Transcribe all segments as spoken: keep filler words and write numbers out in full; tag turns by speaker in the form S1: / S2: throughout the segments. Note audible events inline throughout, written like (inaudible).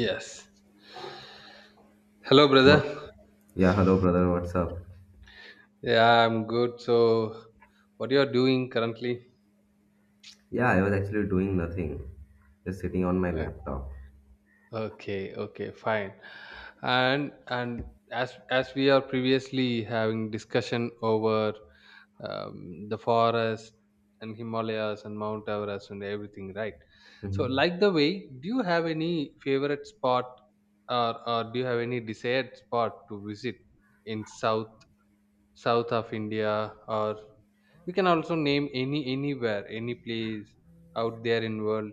S1: Yes. Hello,
S2: What?
S1: brother.
S2: Yeah, hello brother, what's up?
S1: Yeah, I'm good. So, what you are doing currently?
S2: Yeah, I was actually doing nothing, just sitting on my
S1: Uh,
S2: laptop.
S1: Okay, okay, fine. And and as as we are previously having discussion over um, the forest and Himalayas and Mount Everest and everything, right? So,
S2: Hmm.
S1: like the way, do you have any favorite spot or or do you have any desired spot to visit in South South of India or you can also name any anywhere, any place out there in world.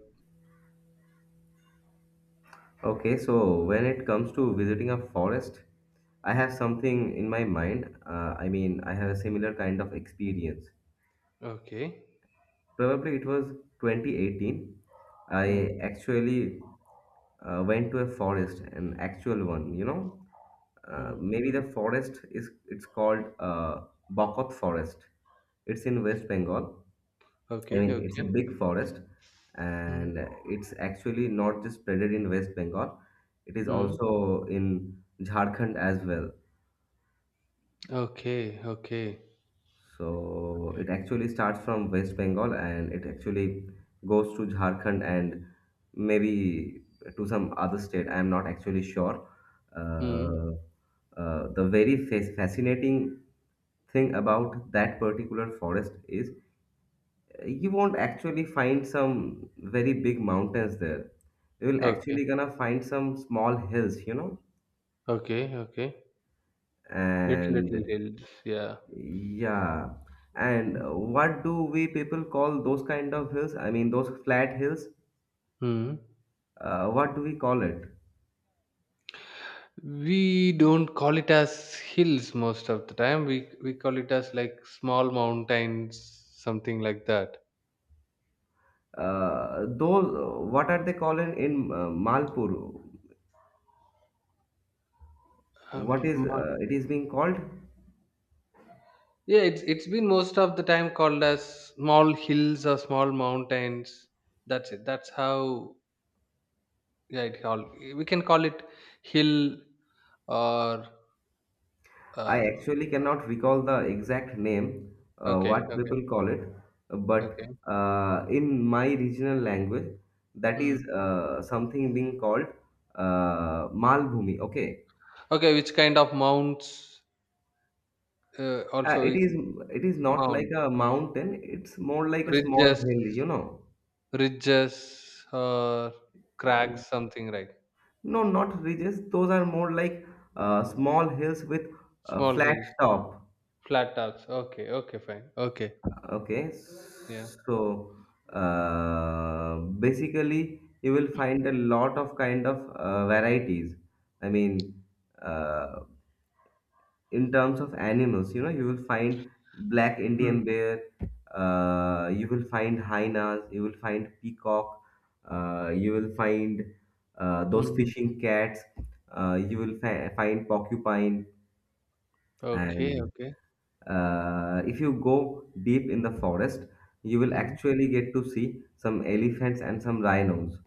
S2: Okay, so when it comes to visiting a forest, I have something in my mind. Uh, I mean, I have a similar kind of experience.
S1: Okay.
S2: Probably it was twenty eighteen.
S1: Hmm.
S2: I actually uh, went to a forest, an actual one, you know. Uh,
S1: Hmm.
S2: maybe
S1: Hmm.
S2: the forest is it's called uh, Bokot Forest. It's in West Bengal. I
S1: Okay.
S2: mean, it's a
S1: Okay.
S2: big forest,
S1: Hmm.
S2: and it's actually not just spreaded in West Bengal, it is
S1: Hmm.
S2: also in Jharkhand as well.
S1: Okay. Okay.
S2: So
S1: Okay.
S2: it actually starts from West Bengal and it actually goes to Jharkhand and maybe to some other state. I'm not actually sure.
S1: Hmm.
S2: Uh, uh, the very fa- fascinating thing about that particular forest is you won't actually find some very big mountains there. You will
S1: Okay.
S2: actually gonna find some small hills, you know.
S1: Okay. Okay. Little
S2: And
S1: little hills. Yeah.
S2: yeah, and uh, what do we people call those kind of hills? I mean, those flat hills.
S1: Hmm.
S2: Uh, what do we call it?
S1: We don't call it as hills most of the time. We we call it as like small mountains, something like that.
S2: Uh, those. What are they called in, in uh, Malpur? What
S1: Um,
S2: is uh, it is being called?
S1: Yeah, it's it's been most of the time called as small hills or small mountains. That's it. That's how, yeah, it all we can call it hill or
S2: I
S1: um,
S2: actually cannot recall the exact name, uh,
S1: okay,
S2: what
S1: okay,
S2: people call it, but
S1: okay,
S2: uh, in my regional language, that
S1: hmm,
S2: is uh, something being called uh, Malbhumi. Okay,
S1: okay. Which kind of mounts? Uh,
S2: uh,
S1: also
S2: it
S1: we-
S2: is it is not like
S1: mounts,
S2: a mountain; it's more like a small
S1: ridges,
S2: hill, you know.
S1: ridges or cracks, something like
S2: No, not ridges; those are more like uh, small hills with a
S1: small
S2: flat
S1: hills,
S2: top.
S1: flat tops. Okay, okay, fine. Okay,
S2: Okay,
S1: yeah.
S2: so uh, basically, you will find a lot of kind of uh, varieties. I mean, uh, in terms of animals, you know, you will find black
S1: Hmm.
S2: Indian bear, uh, you will find hyenas, you will find peacock, uh, you will find uh, those
S1: Hmm.
S2: fishing cats, uh, you will fi- find porcupine,
S1: Okay,
S2: and
S1: okay.
S2: uh, if you go deep in the forest you will
S1: Hmm.
S2: actually get to see some elephants and some rhinos.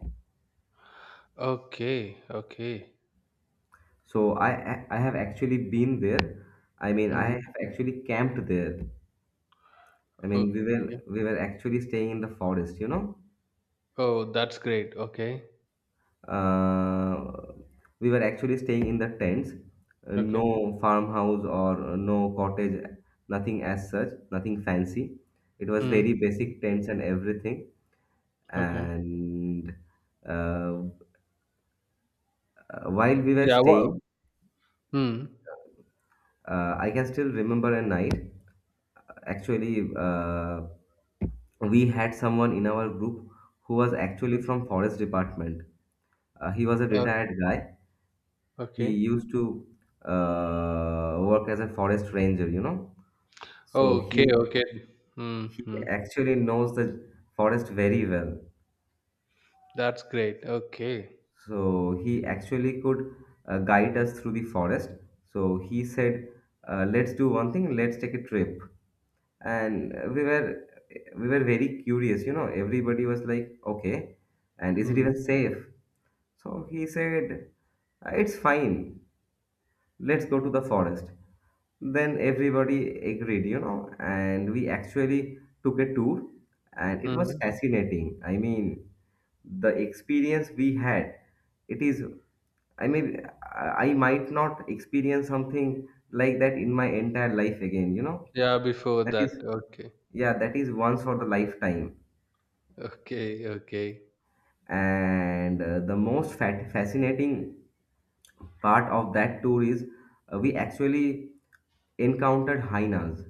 S1: Okay, okay.
S2: So i i i have actually been there. I mean I
S1: Hmm.
S2: have actually camped there. I mean we were
S1: Okay.
S2: we were actually staying in the forest, you know.
S1: Oh, that's great. Okay.
S2: uh, we were actually staying in the tents, uh,
S1: Okay.
S2: no farmhouse or uh, no cottage, nothing as such, nothing fancy, it was
S1: Hmm,
S2: very
S1: hmm,
S2: basic tents and everything.
S1: okay.
S2: And uh, Uh, while we were
S1: Yeah. What?
S2: staying,
S1: Hmm.
S2: uh, I can still remember a night. Actually, uh, we had someone in our group who was actually
S1: Hmm.
S2: from forest department. Uh, he was a
S1: Uh,
S2: retired guy. He
S1: okay.
S2: used to uh, work as a forest ranger, you know. So
S1: Okay.
S2: he
S1: Okay. Hmm.
S2: he
S1: Hmm.
S2: actually knows the forest very well.
S1: That's great. Okay.
S2: So he actually could uh, guide us through the forest. So he said, uh, "Let's do one thing. Let's take a trip." And we were we were very curious, you know. Everybody was like, okay, and is it
S1: Hmm.
S2: even safe? So he said, it's fine, let's go to the forest. Then everybody agreed, you know, and we actually took a tour, and it was
S1: Hmm.
S2: fascinating. I mean, the experience we had, it is, i mean i I might not experience something like that in my entire life again, you know.
S1: Yeah. Before
S2: That is,
S1: that. Okay.
S2: yeah, that is once for the lifetime.
S1: Okay. Okay.
S2: And uh, the most fat fascinating part of that tour is uh, we actually encountered hyenas.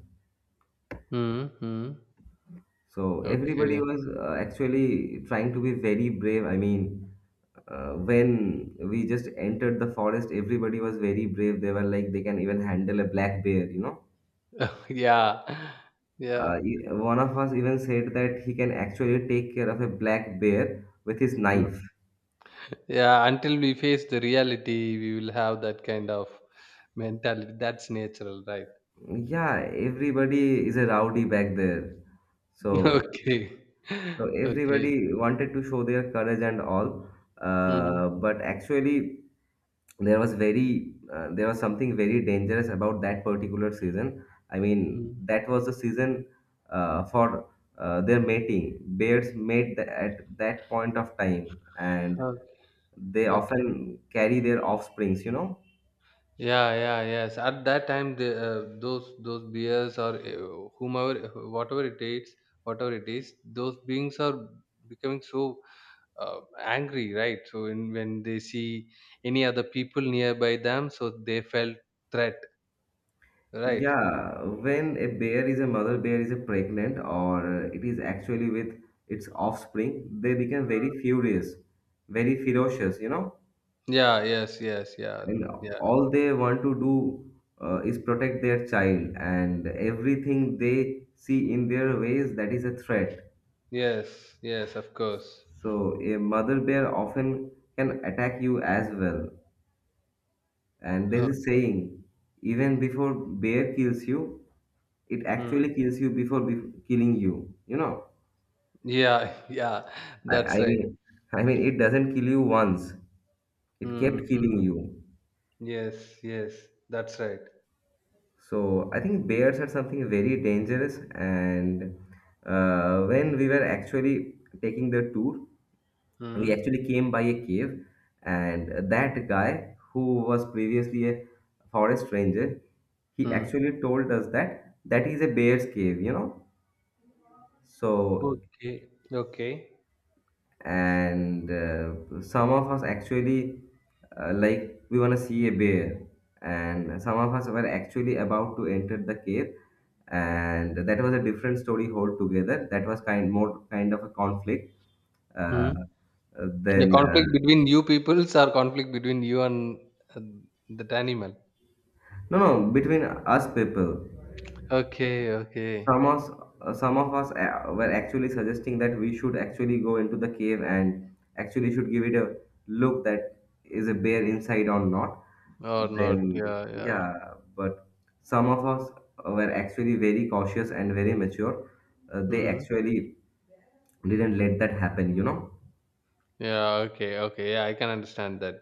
S1: Hmm. Hmm.
S2: So everybody
S1: Okay.
S2: was uh, actually trying to be very brave. I mean, uh, when we just entered the forest, everybody was very brave. They were like, they can even handle a black bear, you know.
S1: (laughs) Yeah. Yeah.
S2: Uh, e- one of us even said that he can actually take care of a black bear with his
S1: Hmm.
S2: knife.
S1: Yeah. Until we face the reality, we will have that kind of mentality. That's natural, right?
S2: Yeah, everybody is a rowdy back there.
S1: (laughs)
S2: So,
S1: Okay. (laughs)
S2: so
S1: Okay.
S2: everybody wanted to show their courage and all.
S1: Mm,
S2: Uh, but actually, there was very uh, there was something very dangerous about that particular season. I mean,
S1: mm.
S2: that was the season uh, for uh, their mating. Bears mate th- at that point of time, and
S1: Okay.
S2: they
S1: Okay.
S2: often carry their offsprings, you know.
S1: Yeah, yeah, yes. At that time, the uh, those those beers or uh, whomever, whatever it is, whatever it is, those beings are becoming so uh, angry, right? So in, when they see any other people nearby them, so they felt threat, right?
S2: Yeah, when a bear is a mother bear is a pregnant or it is actually with its offspring, they become very furious, very ferocious, you know,
S1: Yeah. Yes. Yes. Yeah.
S2: and
S1: Yeah.
S2: all they want to do uh, is protect their child, and everything they see in their ways that is a threat.
S1: Yes. Yes. Of course.
S2: So a mother bear often can attack you as well. And there
S1: Okay.
S2: is a saying, even before bear kills you, it
S1: Hmm.
S2: actually kills you before be- killing you, you know.
S1: Yeah. (laughs) Yeah.
S2: I, I
S1: That's right.
S2: mean, I mean, it doesn't kill you once. It kept killing
S1: Mm-hmm.
S2: you.
S1: Yes, yes, that's right.
S2: So I think bears are something very dangerous. And uh, when we were actually taking the tour, we
S1: Hmm.
S2: actually came by a cave, and that guy who was previously a forest ranger, he
S1: Hmm.
S2: actually told us that that is a bear's cave, you know. So
S1: Okay, okay.
S2: and uh, some of us actually uh, like we want to see a bear and some of us were actually about to enter the cave and that was a different story altogether. That was kind more kind of a conflict.
S1: Hmm.
S2: Uh,
S1: The
S2: then uh,
S1: conflict between you peoples or conflict between you and uh, that animal.
S2: No, no, between us people.
S1: Okay, okay.
S2: Some of uh, some of us uh, were actually suggesting that we should actually go into the cave and actually should give it a look that is a bear inside or not.
S1: Or not.
S2: Then
S1: Yeah, yeah.
S2: yeah, but some of us were actually very cautious and very mature. Uh, they
S1: Hmm.
S2: actually didn't let that happen, you know.
S1: Yeah, okay, okay. Yeah, I can understand that.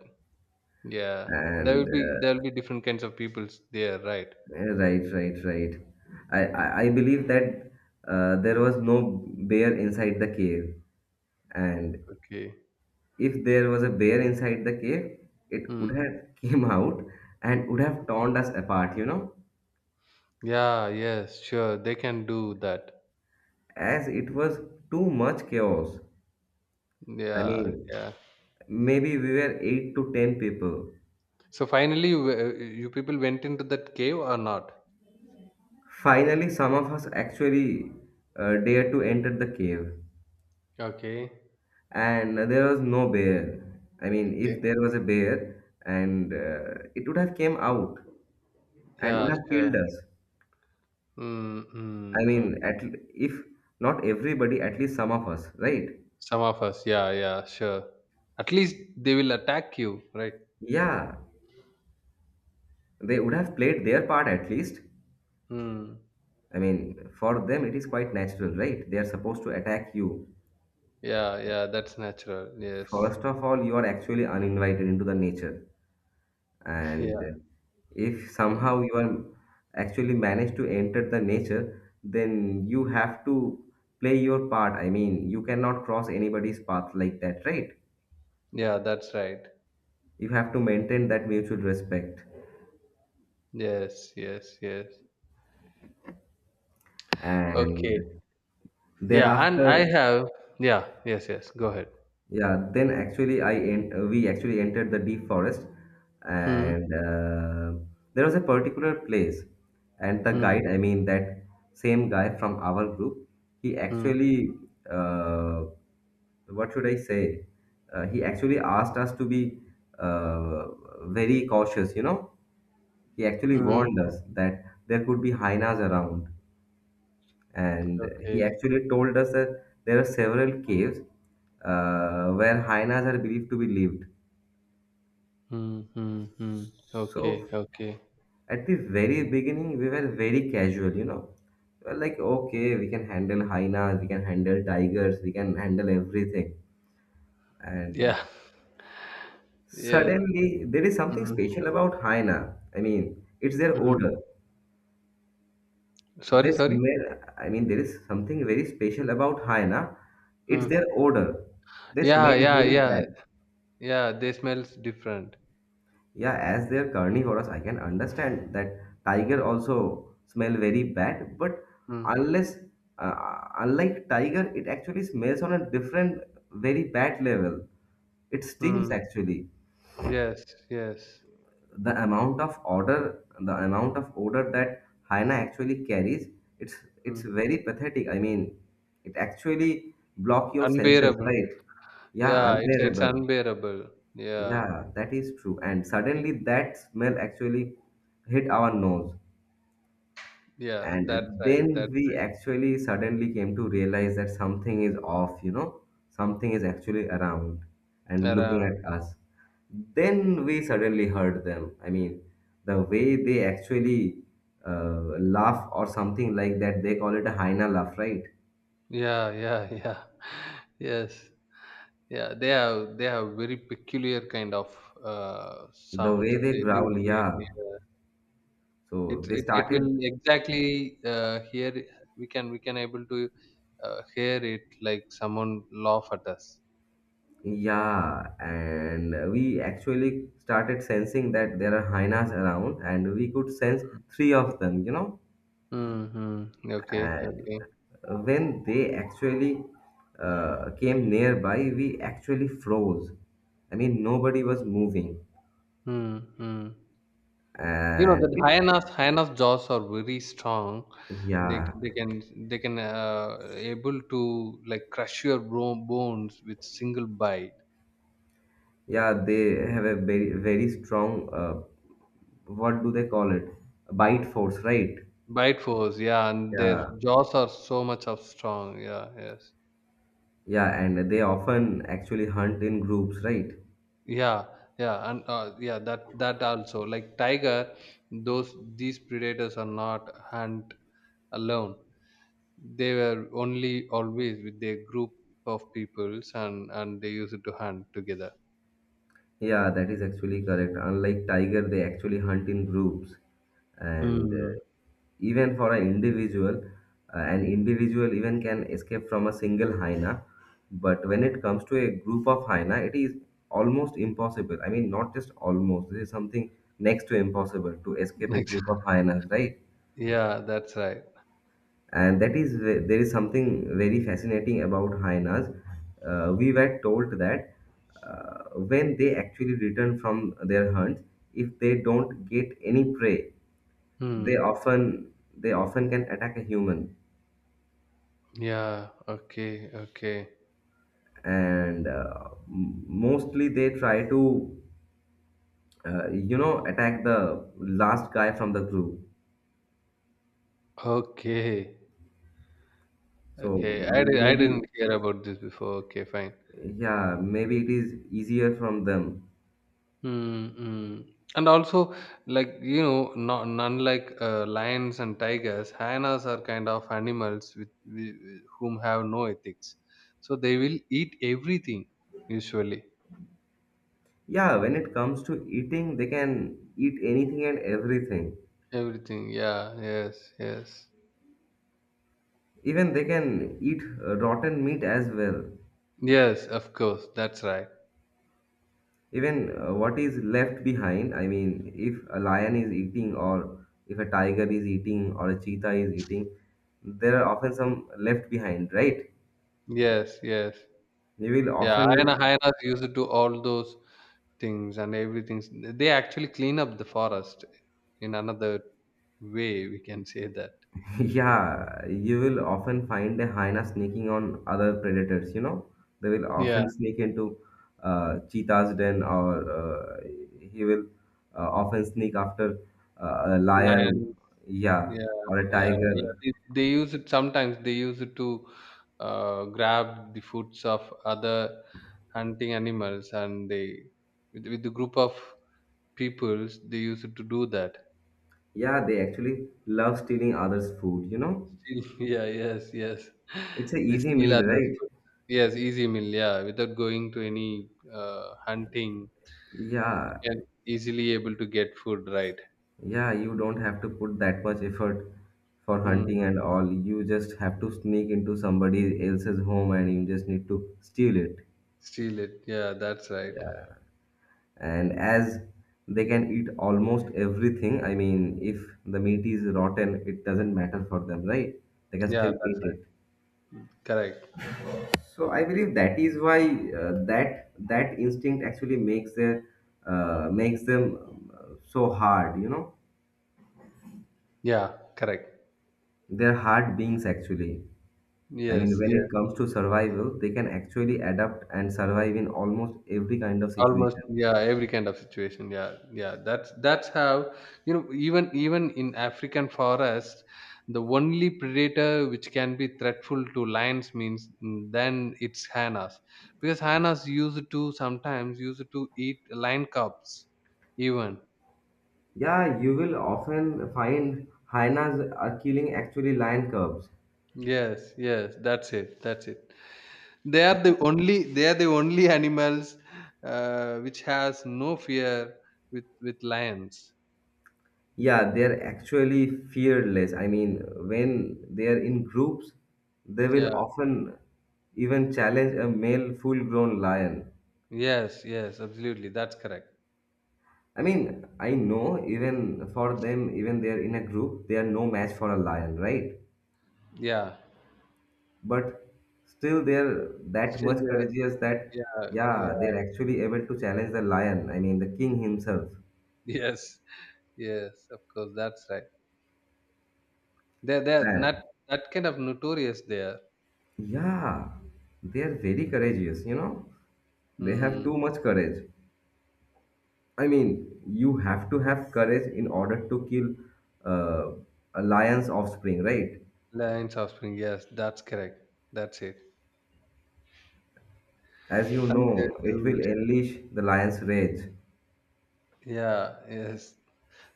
S1: Yeah. There
S2: And
S1: will be there will
S2: uh,
S1: be different kinds of peoples there, right?
S2: yeah, right, right, right. I, I, I believe that uh, there was no bear inside the cave, and
S1: Okay.
S2: if there was a bear inside the cave, it would
S1: Hmm.
S2: have (laughs) came out and would have torn us apart, you know,
S1: Yeah, yes, sure. They can do that.
S2: as it was too much chaos. I
S1: Yeah,
S2: mean,
S1: yeah.
S2: maybe we were eight to ten people.
S1: So finally, w- uh, you people went into that cave or not?
S2: Finally, some of us actually uh, dared to enter the cave,
S1: Okay.
S2: and there was no bear. I mean,
S1: Okay.
S2: if there was a bear, and uh, it would have came out and would
S1: Yeah,
S2: have killed
S1: sure.
S2: us.
S1: Mm, mm,
S2: I
S1: no.
S2: mean, at l- if not everybody, at least some of us, right?
S1: Some of us, yeah, yeah, sure. At least they will attack you, right?
S2: Yeah, they would have played their part at least.
S1: Mm.
S2: I mean, for them, it is quite natural, right? They are supposed to attack you.
S1: Yeah, yeah, that's natural. Yes.
S2: First of all, you are actually uninvited into the nature.
S1: (laughs) Yeah.
S2: And if
S1: Mm.
S2: somehow you are actually managed to enter the nature, then you have to play your part. I mean, you cannot cross anybody's path like that, right?
S1: Yeah, that's right.
S2: You have to maintain that mutual respect.
S1: Yes, yes, yes.
S2: And
S1: Okay. Yeah, and
S2: thereafter,
S1: I have, yeah, yes, yes. Go ahead.
S2: yeah, then actually I en- uh, we actually entered the deep forest,
S1: Hmm.
S2: and uh, there was a particular place, and the
S1: Hmm.
S2: guide, I mean that same guy from our group, he
S1: Hmm.
S2: actually, uh, what should I say? Uh, he actually asked us to be uh, very cautious. You know, he actually
S1: Hmm.
S2: warned us that there could be hyenas around, and he
S1: Okay.
S2: actually told us that there are several caves uh, where hyenas are believed to be lived.
S1: Hmm. Hmm. Hmm. Okay.
S2: So
S1: Okay.
S2: at the very beginning, we were very casual, you know. We were like, okay, we can handle hyenas, we can handle tigers, we can handle everything.
S1: Yeah.
S2: And
S1: (laughs) Yes.
S2: suddenly, there is something
S1: Hmm.
S2: special about hyena. I mean, it's their
S1: Hmm.
S2: odor. They
S1: Sorry, sorry.
S2: smell. I mean, there is something very special about hyena. It's
S1: Hmm.
S2: their odor. They
S1: Yeah,
S2: smell
S1: yeah,
S2: very
S1: yeah,
S2: bad.
S1: yeah. They smells different.
S2: Yeah, as they are carnivorous, I can understand that tiger also smell very bad, but
S1: Mm.
S2: unless uh, unlike tiger, it actually smells on a different, very bad level. It stings
S1: Mm.
S2: actually.
S1: Yes, yes.
S2: The amount of odor, the amount of odor that hyena actually carries, it's it's
S1: Mm.
S2: very pathetic. I mean, it actually block your senses,
S1: Unbearable.
S2: right? Yeah,
S1: Yeah, it's it's
S2: unbearable.
S1: unbearable. Yeah,
S2: Yeah, that is true. And suddenly that smell actually hit our nose.
S1: yeah. That's
S2: And
S1: right.
S2: then
S1: That's
S2: we
S1: right.
S2: actually suddenly came to realize that something is off, you know, something is actually around and looking
S1: Around.
S2: at us. Then we suddenly heard them. I mean, the way they actually uh, laugh or something like that, they call it a hyena laugh, right?
S1: Yeah, yeah, (laughs) yeah. Yes. Yeah. They have they have very peculiar kind of uh
S2: The
S1: sounds.
S2: way they
S1: They they will
S2: growl,
S1: create.
S2: yeah.
S1: Yeah.
S2: So
S1: It
S2: they
S1: it it
S2: started,
S1: will exactly uh hear. We can we can able to uh, hear it like someone laugh at us.
S2: yeah, and we actually started sensing that there are hyenas around, and we could sense three of them, you know.
S1: Mhm. Okay,
S2: And
S1: okay.
S2: when they actually uh, came nearby, we actually froze. I mean, nobody was moving,
S1: Mm, hmm. You know
S2: and
S1: that
S2: it,
S1: hyenas, hyenas jaws are very strong. They
S2: yeah,
S1: they can they can uh, able to like crush your bro- bones with single bite.
S2: yeah, they have a very, very strong, uh, what do they call it? Bite force, right?
S1: Bite force, yeah, and their
S2: Yeah,
S1: jaws are so much of strong. Yeah, yes.
S2: yeah, and they often actually hunt in groups, right?
S1: Yeah, yeah, and uh, yeah, that that also like tiger, those these predators are not hunt alone. They were only always with their group of peoples and and they used to hunt together.
S2: Yeah, that is actually correct. Unlike tiger, they actually hunt in groups. And
S1: Mm.
S2: uh, even for an individual, uh, an individual even can escape from a single hyena. But when it comes to a group of hyena, it is almost impossible. I mean, not just almost, this is something next to impossible to escape a
S1: Ex-
S2: group of hyenas, right?
S1: (laughs) yeah, that's right.
S2: And that is ve- there is something very fascinating about hyenas. Uh, we were told that uh, when they actually return from their hunts, if they don't get any prey, they
S1: Hmm.
S2: often they often can attack a human,
S1: Yeah, okay, okay,
S2: and uh, m- mostly they try to uh, you know attack the last guy from the group.
S1: okay,
S2: So
S1: okay. I, di- I didn't
S2: maybe
S1: hear about this before. Okay, fine.
S2: yeah, maybe it is easier from them.
S1: Hmm. Hmm. And also, like, you know, not unlike uh, lions and tigers, hyenas are kind of animals with, with whom have no ethics, so they will eat everything usually.
S2: Yeah, when it comes to eating, they can eat anything and everything.
S1: Everything. Yeah. Yes. Yes.
S2: Even they can eat uh, rotten meat as well.
S1: Yes. Of course. That's right.
S2: Even uh, what is left behind, I mean, if a lion is eating, or if a tiger is eating, or a cheetah is eating, there are often some left behind, right?
S1: Yes. Yes.
S2: You will
S1: Yeah. Hyena,
S2: often
S1: hyenas used to do all those things and everything. They actually clean up the forest in another way. We can say that.
S2: (laughs) yeah, you will often find a hyena sneaking on other predators, you know. They will
S1: Yeah.
S2: often sneak into uh, cheetah's den, or uh, he will uh, often sneak after uh, a
S1: Lion.
S2: lion, yeah,
S1: Yeah.
S2: or a
S1: Yeah. Yeah.
S2: tiger.
S1: They, they use it sometimes. They use it to uh, grab the foods of other hunting animals, and they with, with the group of peoples they used to do that.
S2: Yeah, they actually love stealing others' food, you know.
S1: Steal. (laughs) Yeah, yes, yes.
S2: It's an
S1: They
S2: easy
S1: steal
S2: meal,
S1: others'
S2: right?
S1: food. Yes, easy meal, yeah. Without going to any uh, hunting,
S2: Yeah,
S1: can easily able to get food, right?
S2: yeah, you don't have to put that much effort for
S1: Mm,
S2: hunting and all. You just have to sneak into somebody else's home and you just need to steal it.
S1: steal it. Yeah, that's right.
S2: And as they can eat almost everything, I mean, if the meat is rotten, it doesn't matter for them, right? They can
S1: Yeah,
S2: still
S1: that's
S2: eat
S1: right.
S2: it.
S1: Correct.
S2: So I believe that is why uh, that that instinct actually makes their uh, makes them um, so hard, you know.
S1: Yeah, correct.
S2: They're hard beings actually. I mean,
S1: Yes,
S2: when it
S1: yes.
S2: comes to survival, they can actually adapt and survive in almost every kind of
S1: Almost,
S2: situation.
S1: yeah, every kind of situation, yeah, yeah, that's that's how, you know, even even in African forest, the only predator which can be threatful to lions means, mm, then it's hyenas because hyenas used to sometimes used to eat lion cubs even.
S2: Yeah, you will often find hyenas are killing actually lion cubs.
S1: Yes, yes, that's it, that's it. They are the only they are the only animals uh, which has no fear with with lions.
S2: Yeah, they're actually fearless. I mean, when they're in groups, they will
S1: Yeah,
S2: often even challenge a male full-grown lion.
S1: yes, yes, absolutely, that's correct.
S2: I mean, I know even for them, even they're in a group, they are no match for a lion, right?
S1: Yeah,
S2: But still they're that
S1: still
S2: much
S1: there.
S2: courageous that
S1: Yeah,
S2: yeah,
S1: yeah,
S2: they're actually able to challenge the lion, I mean the king himself.
S1: (laughs) yes, yes, of course, that's right. They're, they're not
S2: And
S1: that kind of notorious there.
S2: yeah, they're very courageous, you know. They have
S1: Hmm.
S2: too much courage. I mean, you have to have courage in order to kill uh, a lion's offspring, right?
S1: Lions offspring, yes, that's correct. That's it.
S2: As you know,
S1: And they
S2: it
S1: do
S2: will
S1: it.
S2: unleash the lion's rage.
S1: Yeah, yes,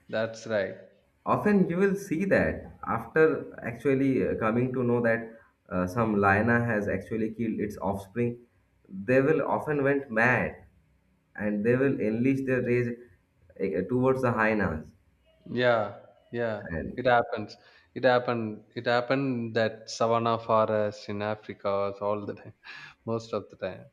S1: that's right.
S2: Often you will see that after actually uh, coming to know that uh, some lion has actually killed its offspring, they will often went mad and they will unleash their rage uh, towards the hyenas.
S1: Yeah, yeah,
S2: And,
S1: it happens. It happened. It happened that savanna forest in Africa was all the time, (laughs) most of the time.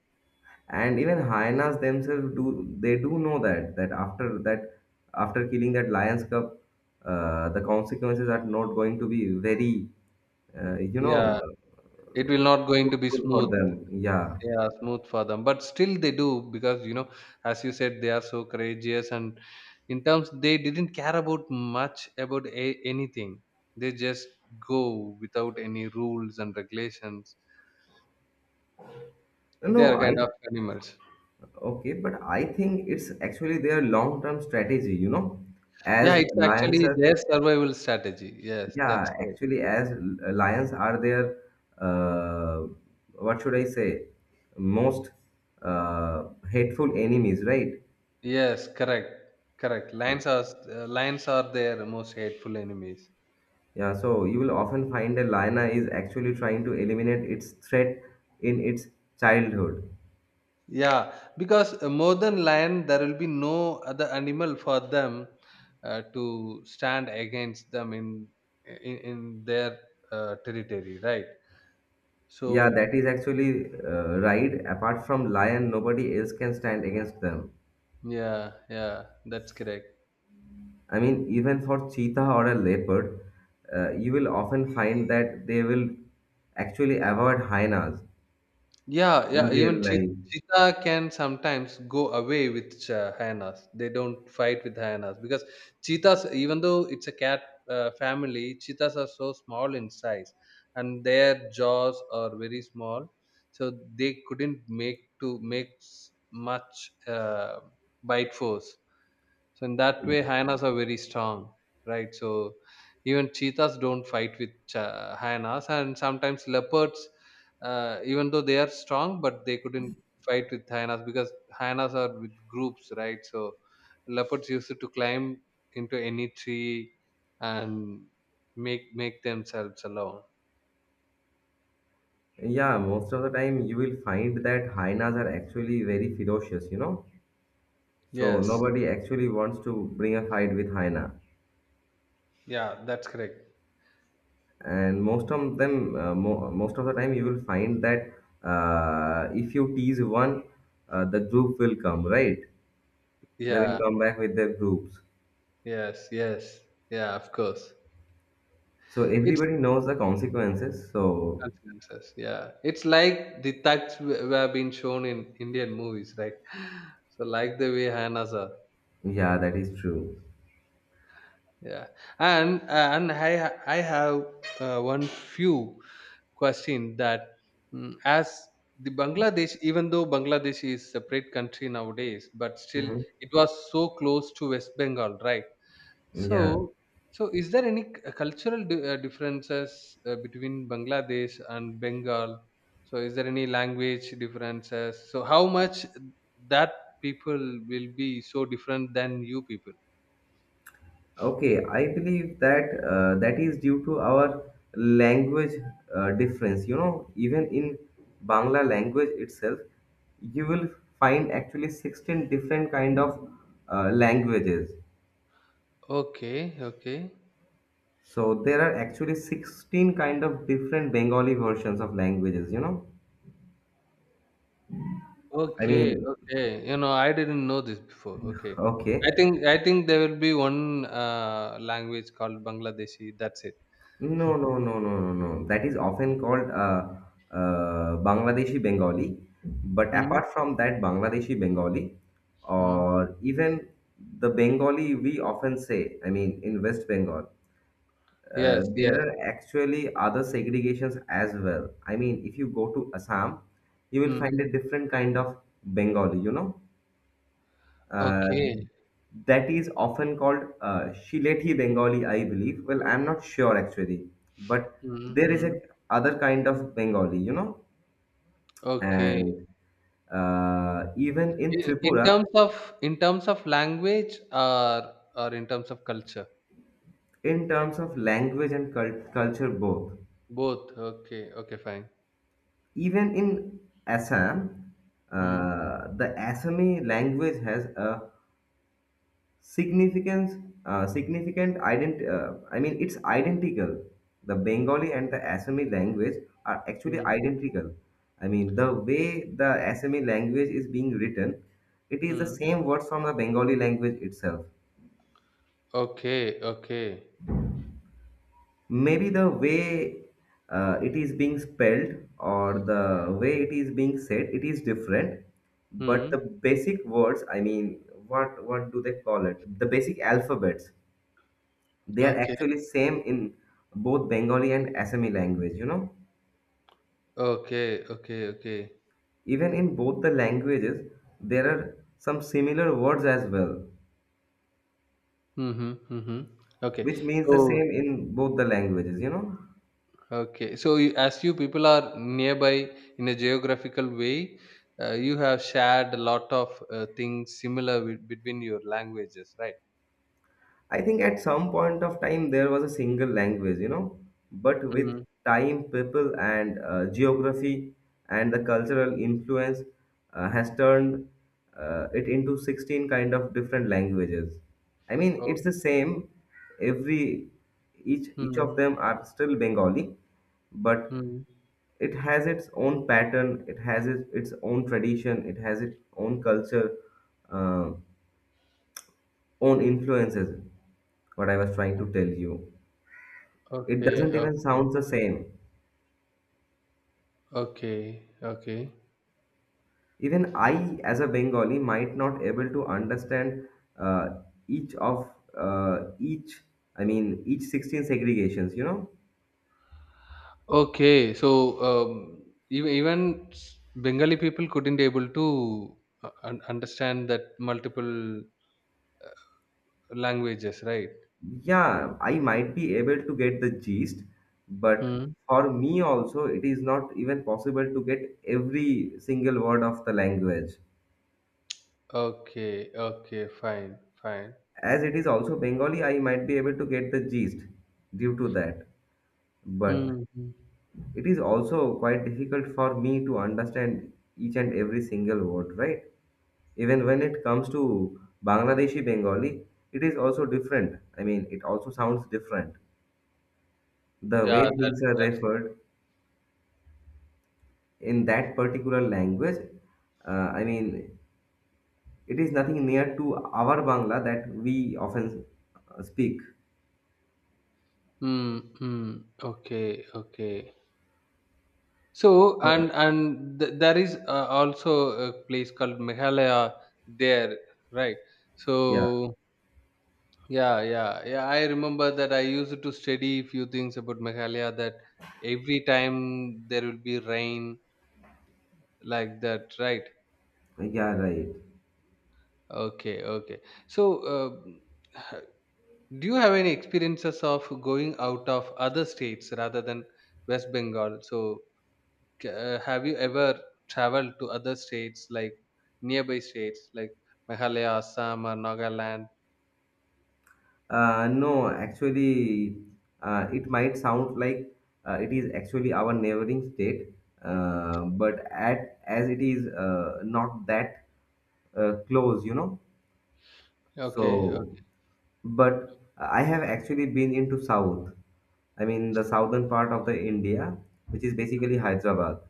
S2: and even hyenas themselves do they do know that that after that after killing that lion's cub, uh, the consequences are not going to be very uh, you
S1: Yeah,
S2: know uh,
S1: it will not going to be
S2: fruitful for
S1: smooth.
S2: them. Yeah.
S1: Yeah, smooth for them. But still they do because you know, as you said, they are so courageous and in terms they didn't care about much about a- anything. They just go without any rules and regulations. They
S2: No,
S1: are kind
S2: I—
S1: of animals.
S2: okay, but I think it's actually their long-term strategy, you know,
S1: Yeah,
S2: as
S1: it's
S2: lions
S1: actually
S2: are,
S1: their survival strategy. Yes, that's
S2: yeah,
S1: correct.
S2: actually as lions are their, uh, what should I say, most uh, hateful enemies, right?
S1: Yes, correct. Correct.
S2: So—
S1: Lions are uh, lions are their most hateful enemies.
S2: yeah, so you will often find a lion is actually trying to eliminate its threat in its childhood.
S1: Yeah, because uh, more than lion, there will be no other animal for them uh, to stand against them in in, in their uh, territory, right?
S2: Yeah,
S1: So
S2: that is actually uh, right. Apart from lion, nobody else can stand against them.
S1: yeah, yeah, that's correct.
S2: I mean, even for cheetah or a leopard, uh, you will often find that they will actually avoid hyenas
S1: Yeah,
S2: in
S1: yeah.
S2: real
S1: Even cheet-
S2: life.
S1: cheetah can sometimes go away with uh, hyenas. They don't fight with hyenas because cheetahs, even though it's a cat uh, family, cheetahs are so small in size and their jaws are very small, so they couldn't make to make s- much uh, bite force. So in that way, hyenas are very strong, right? So even cheetahs don't fight with uh, hyenas, and sometimes leopards, uh, even though they are strong, but they couldn't fight with hyenas because hyenas are with groups, right? So leopards used to climb into any tree and make make themselves alone.
S2: Yeah, most of the time you will find that hyenas are actually very ferocious, you know. So
S1: Yes,
S2: nobody actually wants to bring a fight with hyena.
S1: yeah, that's correct.
S2: And most of them, uh, mo- most of the time, you will find that uh, if you tease one, uh, the group will come, right? They will
S1: Yeah,
S2: come back with their groups.
S1: yes, yes, yeah, of course.
S2: So
S1: It's
S2: everybody knows the consequences. So
S1: consequences. Yeah, it's like the thugs w- were being shown in Indian movies, right? (laughs) (sighs) So like the way Hannah's are.
S2: yeah, that is true.
S1: Yeah, and uh, and I ha- I have uh, one few question that, mm, as the Bangladesh, even though Bangladesh is separate country nowadays, but still
S2: Mhm.
S1: it was so close to West Bengal, right?
S2: Yeah.
S1: So, so is there any c- uh, cultural di- uh, differences uh, between Bangladesh and Bengal? So, is there any language differences? So, how much that people will be so different than you people?
S2: Okay, I believe that uh, that is due to our language uh, difference. You know, even in Bangla language itself, you will find actually sixteen different kind of uh, languages.
S1: Okay, okay,
S2: So there are actually sixteen kind of different Bengali versions of languages, you know. I
S1: okay,
S2: mean,
S1: okay. You know, I didn't know this before. Okay, I
S2: okay.
S1: think I think there will be one uh, language called Bangladeshi. That's it.
S2: No,
S1: (laughs)
S2: no, no, no, no, no. That is often called uh, uh, Bangladeshi Bengali. But apart from that, Bangladeshi Bengali,
S1: Mm-hmm.
S2: or even the Bengali we often say, I mean, in West Bengal, uh,
S1: Yes,
S2: there
S1: yes.
S2: are actually other segregations as well. I mean, if you go to Assam, you will
S1: Mm.
S2: find a different kind of Bengali, you know. Uh,
S1: Okay.
S2: that is often called uh, Shileti Bengali, I believe. Well, I'm not sure actually, but there is a
S1: Mm-hmm.
S2: other kind of Bengali, you know,
S1: Okay.
S2: and uh, even in
S1: I- in
S2: Tripura,
S1: terms of in terms of language or or in terms of culture,
S2: in terms of language and cult- culture, both.
S1: both. Okay, okay, fine.
S2: Even in Assam,
S1: Hmm,
S2: uh, the Assami language has a significance uh, significant ident uh, I mean it's identical. The Bengali and the Assami language are actually
S1: hmm,
S2: identical. I mean, the way the Assami language is being written, it is the
S1: hmm,
S2: same words from the Bengali language itself.
S1: okay, okay,
S2: Maybe the way uh, it is being spelled or the way it is being said it is different, but the
S1: hmm,
S2: basic words, I mean, what what do they call it, the basic alphabets, they are
S1: okay,
S2: actually same in both Bengali and Assami language, you know.
S1: okay, okay, okay,
S2: Even in both the languages, there are some similar words as well
S1: hmm, hmm, hmm, hmm. Okay,
S2: which means the
S1: so
S2: same in both the languages, you know.
S1: okay, so you- as you people are nearby in a geographical way, uh, you have shared a lot of uh, things similar with, between your languages, right?
S2: I think at some point of time there was a single language, you know, but with
S1: Hmm.
S2: time, people, and uh, geography and the cultural influence uh, has turned uh, it into sixteen kind of different languages. I mean,
S1: Oh,
S2: it's the same. Every each each of
S1: hmm,
S2: them are still Bengali, but
S1: hmm,
S2: it has its own pattern. It has its, its own tradition. It has its own culture, uh, own influences. What I was trying to tell you. It
S1: okay,
S2: doesn't even
S1: okay.
S2: sound the same.
S1: Okay, okay,
S2: Even I, as a Bengali, might not able to understand uh, each of uh, each. I mean, each sixteen segregations, you know.
S1: okay. So um, even even s- Bengali people couldn't able to uh, un- understand that multiple uh, languages, right?
S2: Yeah, I might be able to get the gist, but
S1: Hmm.
S2: for me also, it is not even possible to get every single word of the language.
S1: Okay, okay, fine, fine.
S2: As it is also Bengali, I might be able to get the gist due to that. But
S1: Hmm. Hmm.
S2: it is also quite difficult for me to understand each and every single word, right? Even when it comes to Bangladeshi Bengali, it is also different. I mean, it also sounds different. The
S1: Yeah,
S2: way
S1: that
S2: things are
S1: that's.
S2: referred in that particular language, uh, I mean, it is nothing near to our Bangla that we often uh, speak.
S1: Hmm. Hmm. Okay. Okay. So
S2: So,
S1: and and th- there is uh, also a place called Meghalaya there, right?
S2: yeah,
S1: So yeah, yeah, yeah. I remember that I used to study few things about Meghalaya that every time there will be rain like that, right?
S2: yeah, right.
S1: Okay, okay. So, uh, (sighs) do you have any experiences of going out of other states rather than West Bengal? So, c- uh, have you ever traveled to other states like nearby states like Meghalaya, Assam, or Nagaland?
S2: Uh, no, actually, uh, it might sound like uh, it is actually our neighboring state, uh, but at as it is uh, not that uh, close, you know.
S1: Okay,
S2: So,
S1: okay.
S2: but I have actually been into south. I mean, the southern part of the India, which is basically Hyderabad.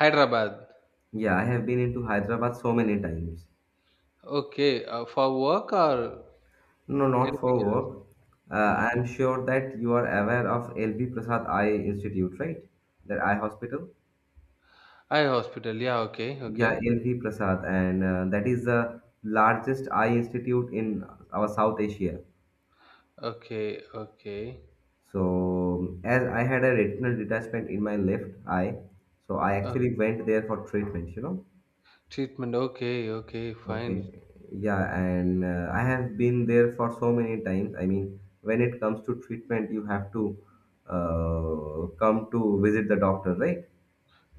S1: Hyderabad.
S2: Yeah, I have been into Hyderabad so many times.
S1: Okay, uh, for work or
S2: No, not for
S1: anything else?
S2: work. Uh,
S1: Hmm.
S2: I am sure that you are aware of L B Prasad Eye Institute, right? That eye hospital.
S1: Eye hospital. Yeah. Okay.
S2: Yeah,
S1: Okay.
S2: L V Prasad, and uh, that is the largest eye institute in our South Asia.
S1: Okay. Okay.
S2: So, as I had a retinal detachment in my left eye, so I
S1: Uh,
S2: actually went there for treatment, you know.
S1: Treatment. Okay. Okay.
S2: Okay,
S1: Fine.
S2: yeah, and uh, I have been there for so many times. I mean, when it comes to treatment, you have to uh, come to visit the doctor, right?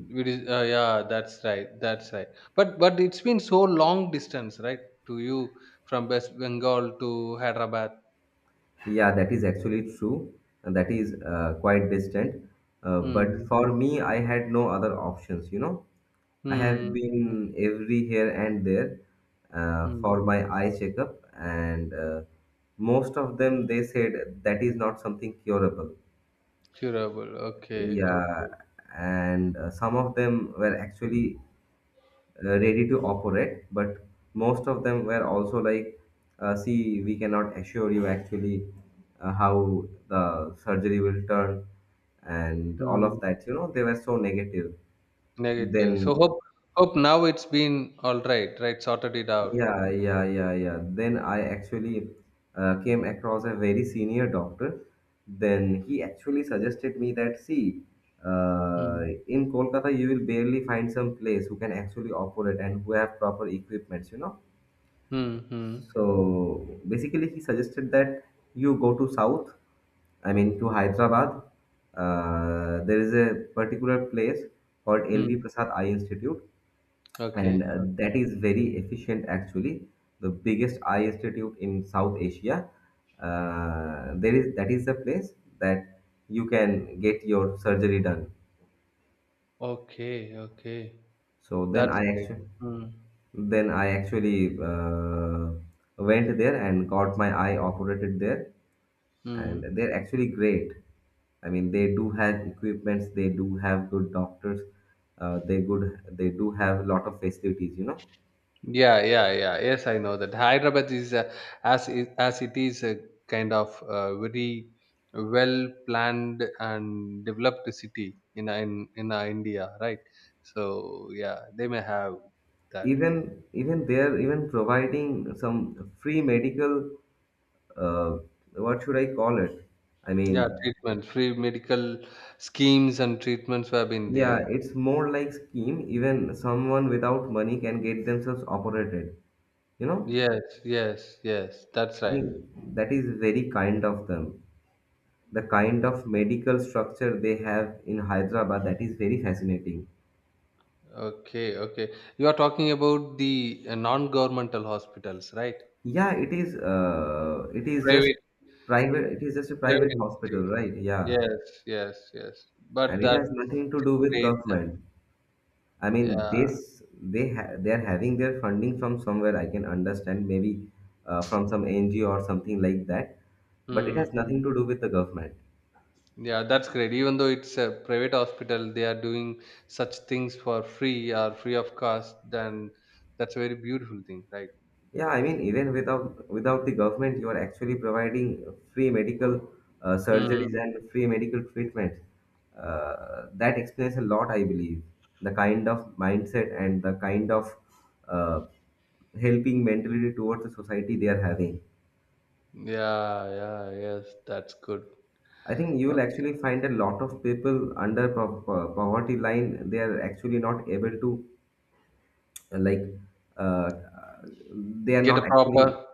S1: It is. Uh, yeah. That's right. That's right. But but it's been so long distance, right? To you from West Bengal to Hyderabad.
S2: Yeah, that is actually true. And That is uh, quite distant. Uh, but
S1: Hmm.
S2: for me, I had no other options, you know. I
S1: Hmm.
S2: have
S1: Hmm.
S2: been every here and there uh,
S1: Hmm.
S2: for my eye checkup, and uh, most of them they said that is not something curable.
S1: Curable. Okay.
S2: Yeah,
S1: Okay.
S2: and uh, some of them were actually uh, ready to operate, but most of them were also like uh, see we cannot assure you actually uh, how the surgery will turn and all
S1: Hmm.
S2: of that, you know, they were so negative.
S1: Negative. So
S2: Then
S1: hope, hope now it's been all right. Right. Sorted it out.
S2: yeah, yeah, yeah, yeah, then I actually uh, came across a very senior doctor. Then he actually suggested me that see uh,
S1: Hmm.
S2: in Kolkata you will barely find some place who can actually operate and who have proper equipments, you know.
S1: Hmm. Hmm.
S2: So basically, he suggested that you go to south, I mean to Hyderabad. Uh, there is a particular place called L V
S1: Hmm.
S2: Prasad Eye Institute, and
S1: Okay.
S2: uh,
S1: Okay.
S2: that is very efficient actually, the biggest eye institute in South Asia. Uh, there is That is the place that you can get your surgery done.
S1: Okay, okay.
S2: So then
S1: That's
S2: I
S1: great.
S2: actually
S1: Mm.
S2: then I actually uh, went there and got my eye operated there
S1: Mm.
S2: and they're actually great. I mean, they do have equipments, they do have good doctors, uh, they good, they do have a lot of facilities, you know.
S1: Yeah, yeah, yeah. Yes, I know that. Hyderabad is uh, as it, as it is a kind of uh, very well planned and developed city in in in uh, India, right? So yeah, they may have that.
S2: Even even they're even providing some free medical. Uh, what should I call it? I
S1: Yeah,
S2: mean,
S1: treatment, free medical schemes and treatments have been
S2: yeah,
S1: there.
S2: it's more like scheme. Even someone without money can get themselves operated, you know.
S1: Yes, yes, yes. That's
S2: I
S1: right.
S2: think that is very kind of them. The kind of medical structure they have in Hyderabad, that is very fascinating.
S1: Okay, okay. You are talking about the uh, non-governmental hospitals, right?
S2: Yeah, it is. Uh, it is just
S1: Private,
S2: private. It is just a
S1: private
S2: private hospital,
S1: institute.
S2: right? Yeah,
S1: Yes, yes, yes. But
S2: and it
S1: that's
S2: has nothing to do with
S1: great. That,
S2: government. I mean, this
S1: yeah.
S2: they ha they are having their funding from somewhere. I can understand maybe uh, from some N G O or something like that, but it has
S1: Hmm.
S2: nothing to do with the government.
S1: Yeah, that's great. Even though it's a private hospital, they are doing such things for free or free of cost. Then that's a very beautiful thing, right?
S2: Yeah, I mean, even without without the government, you are actually providing free medical uh, surgeries
S1: Hmm.
S2: and free medical treatment. Uh, that explains a lot, I believe. The kind of mindset and the kind of uh, helping mentality towards the society they are having.
S1: Yeah, yeah, yes. That's good.
S2: I think you will
S1: Okay.
S2: actually find a lot of people under po- po- poverty line. They are actually not able to, uh, like, uh, they are
S1: Get a
S2: not actually
S1: proper.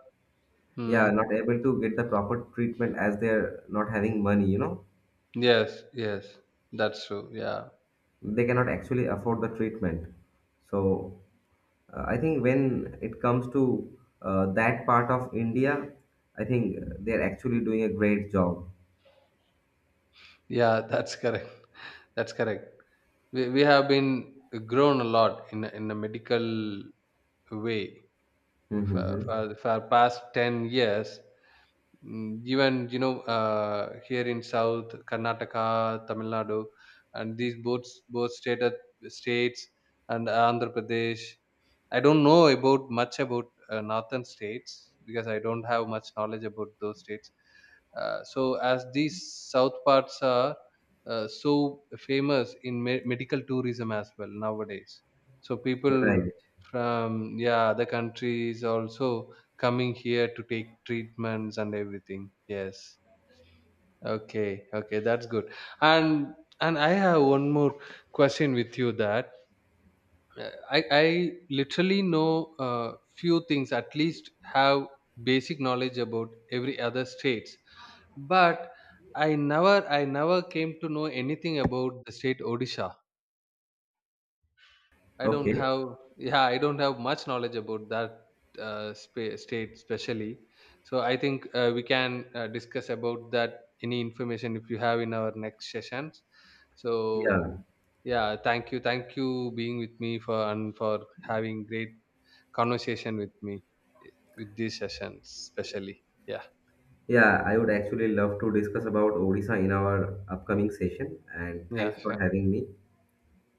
S2: yeah
S1: Hmm.
S2: not able to get the proper treatment as they are not having money, you know.
S1: Yes, yes. That's true. Yeah.
S2: They cannot actually afford the treatment, so uh, I think when it comes to uh, that part of India, I think they are actually doing a great job.
S1: Yeah, that's correct. (laughs) That's correct. We, we have been grown a lot in a- in a medical way
S2: Mm-hmm.
S1: for,
S2: Mm-hmm.
S1: for, for past ten years. Mm, even, you know, uh, here in South, Karnataka, Tamil Nadu, and these both, both state, states and Andhra Pradesh. I don't know about much about uh, northern states because I don't have much knowledge about those states. Uh, so as these south parts are uh, so famous in me- medical tourism as well nowadays. So people
S2: Right.
S1: from yeah other countries also coming here to take treatments and everything. Yes. Okay. Okay. That's good. And and I have one more question with you that uh, I, I literally know uh, few things, at least have basic knowledge about every other states. But I never I never came to know anything about the state Odisha. I don't
S2: Okay.
S1: have, yeah, I don't have much knowledge about that uh, spa- state especially. So I think uh, we can uh, discuss about that any information if you have in our next sessions.
S2: Yeah,
S1: So yeah, thank you, thank you being with me for and for having great conversation with me with these sessions, especially. Yeah,
S2: yeah, I would actually love to discuss about Odisha in our upcoming session, and
S1: yeah,
S2: thanks
S1: sure.
S2: for having me.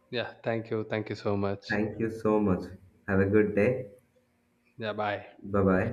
S1: Yeah, thank you. Thank you so much.
S2: Thank you so much. Have a good day.
S1: Yeah, bye.
S2: Bye bye.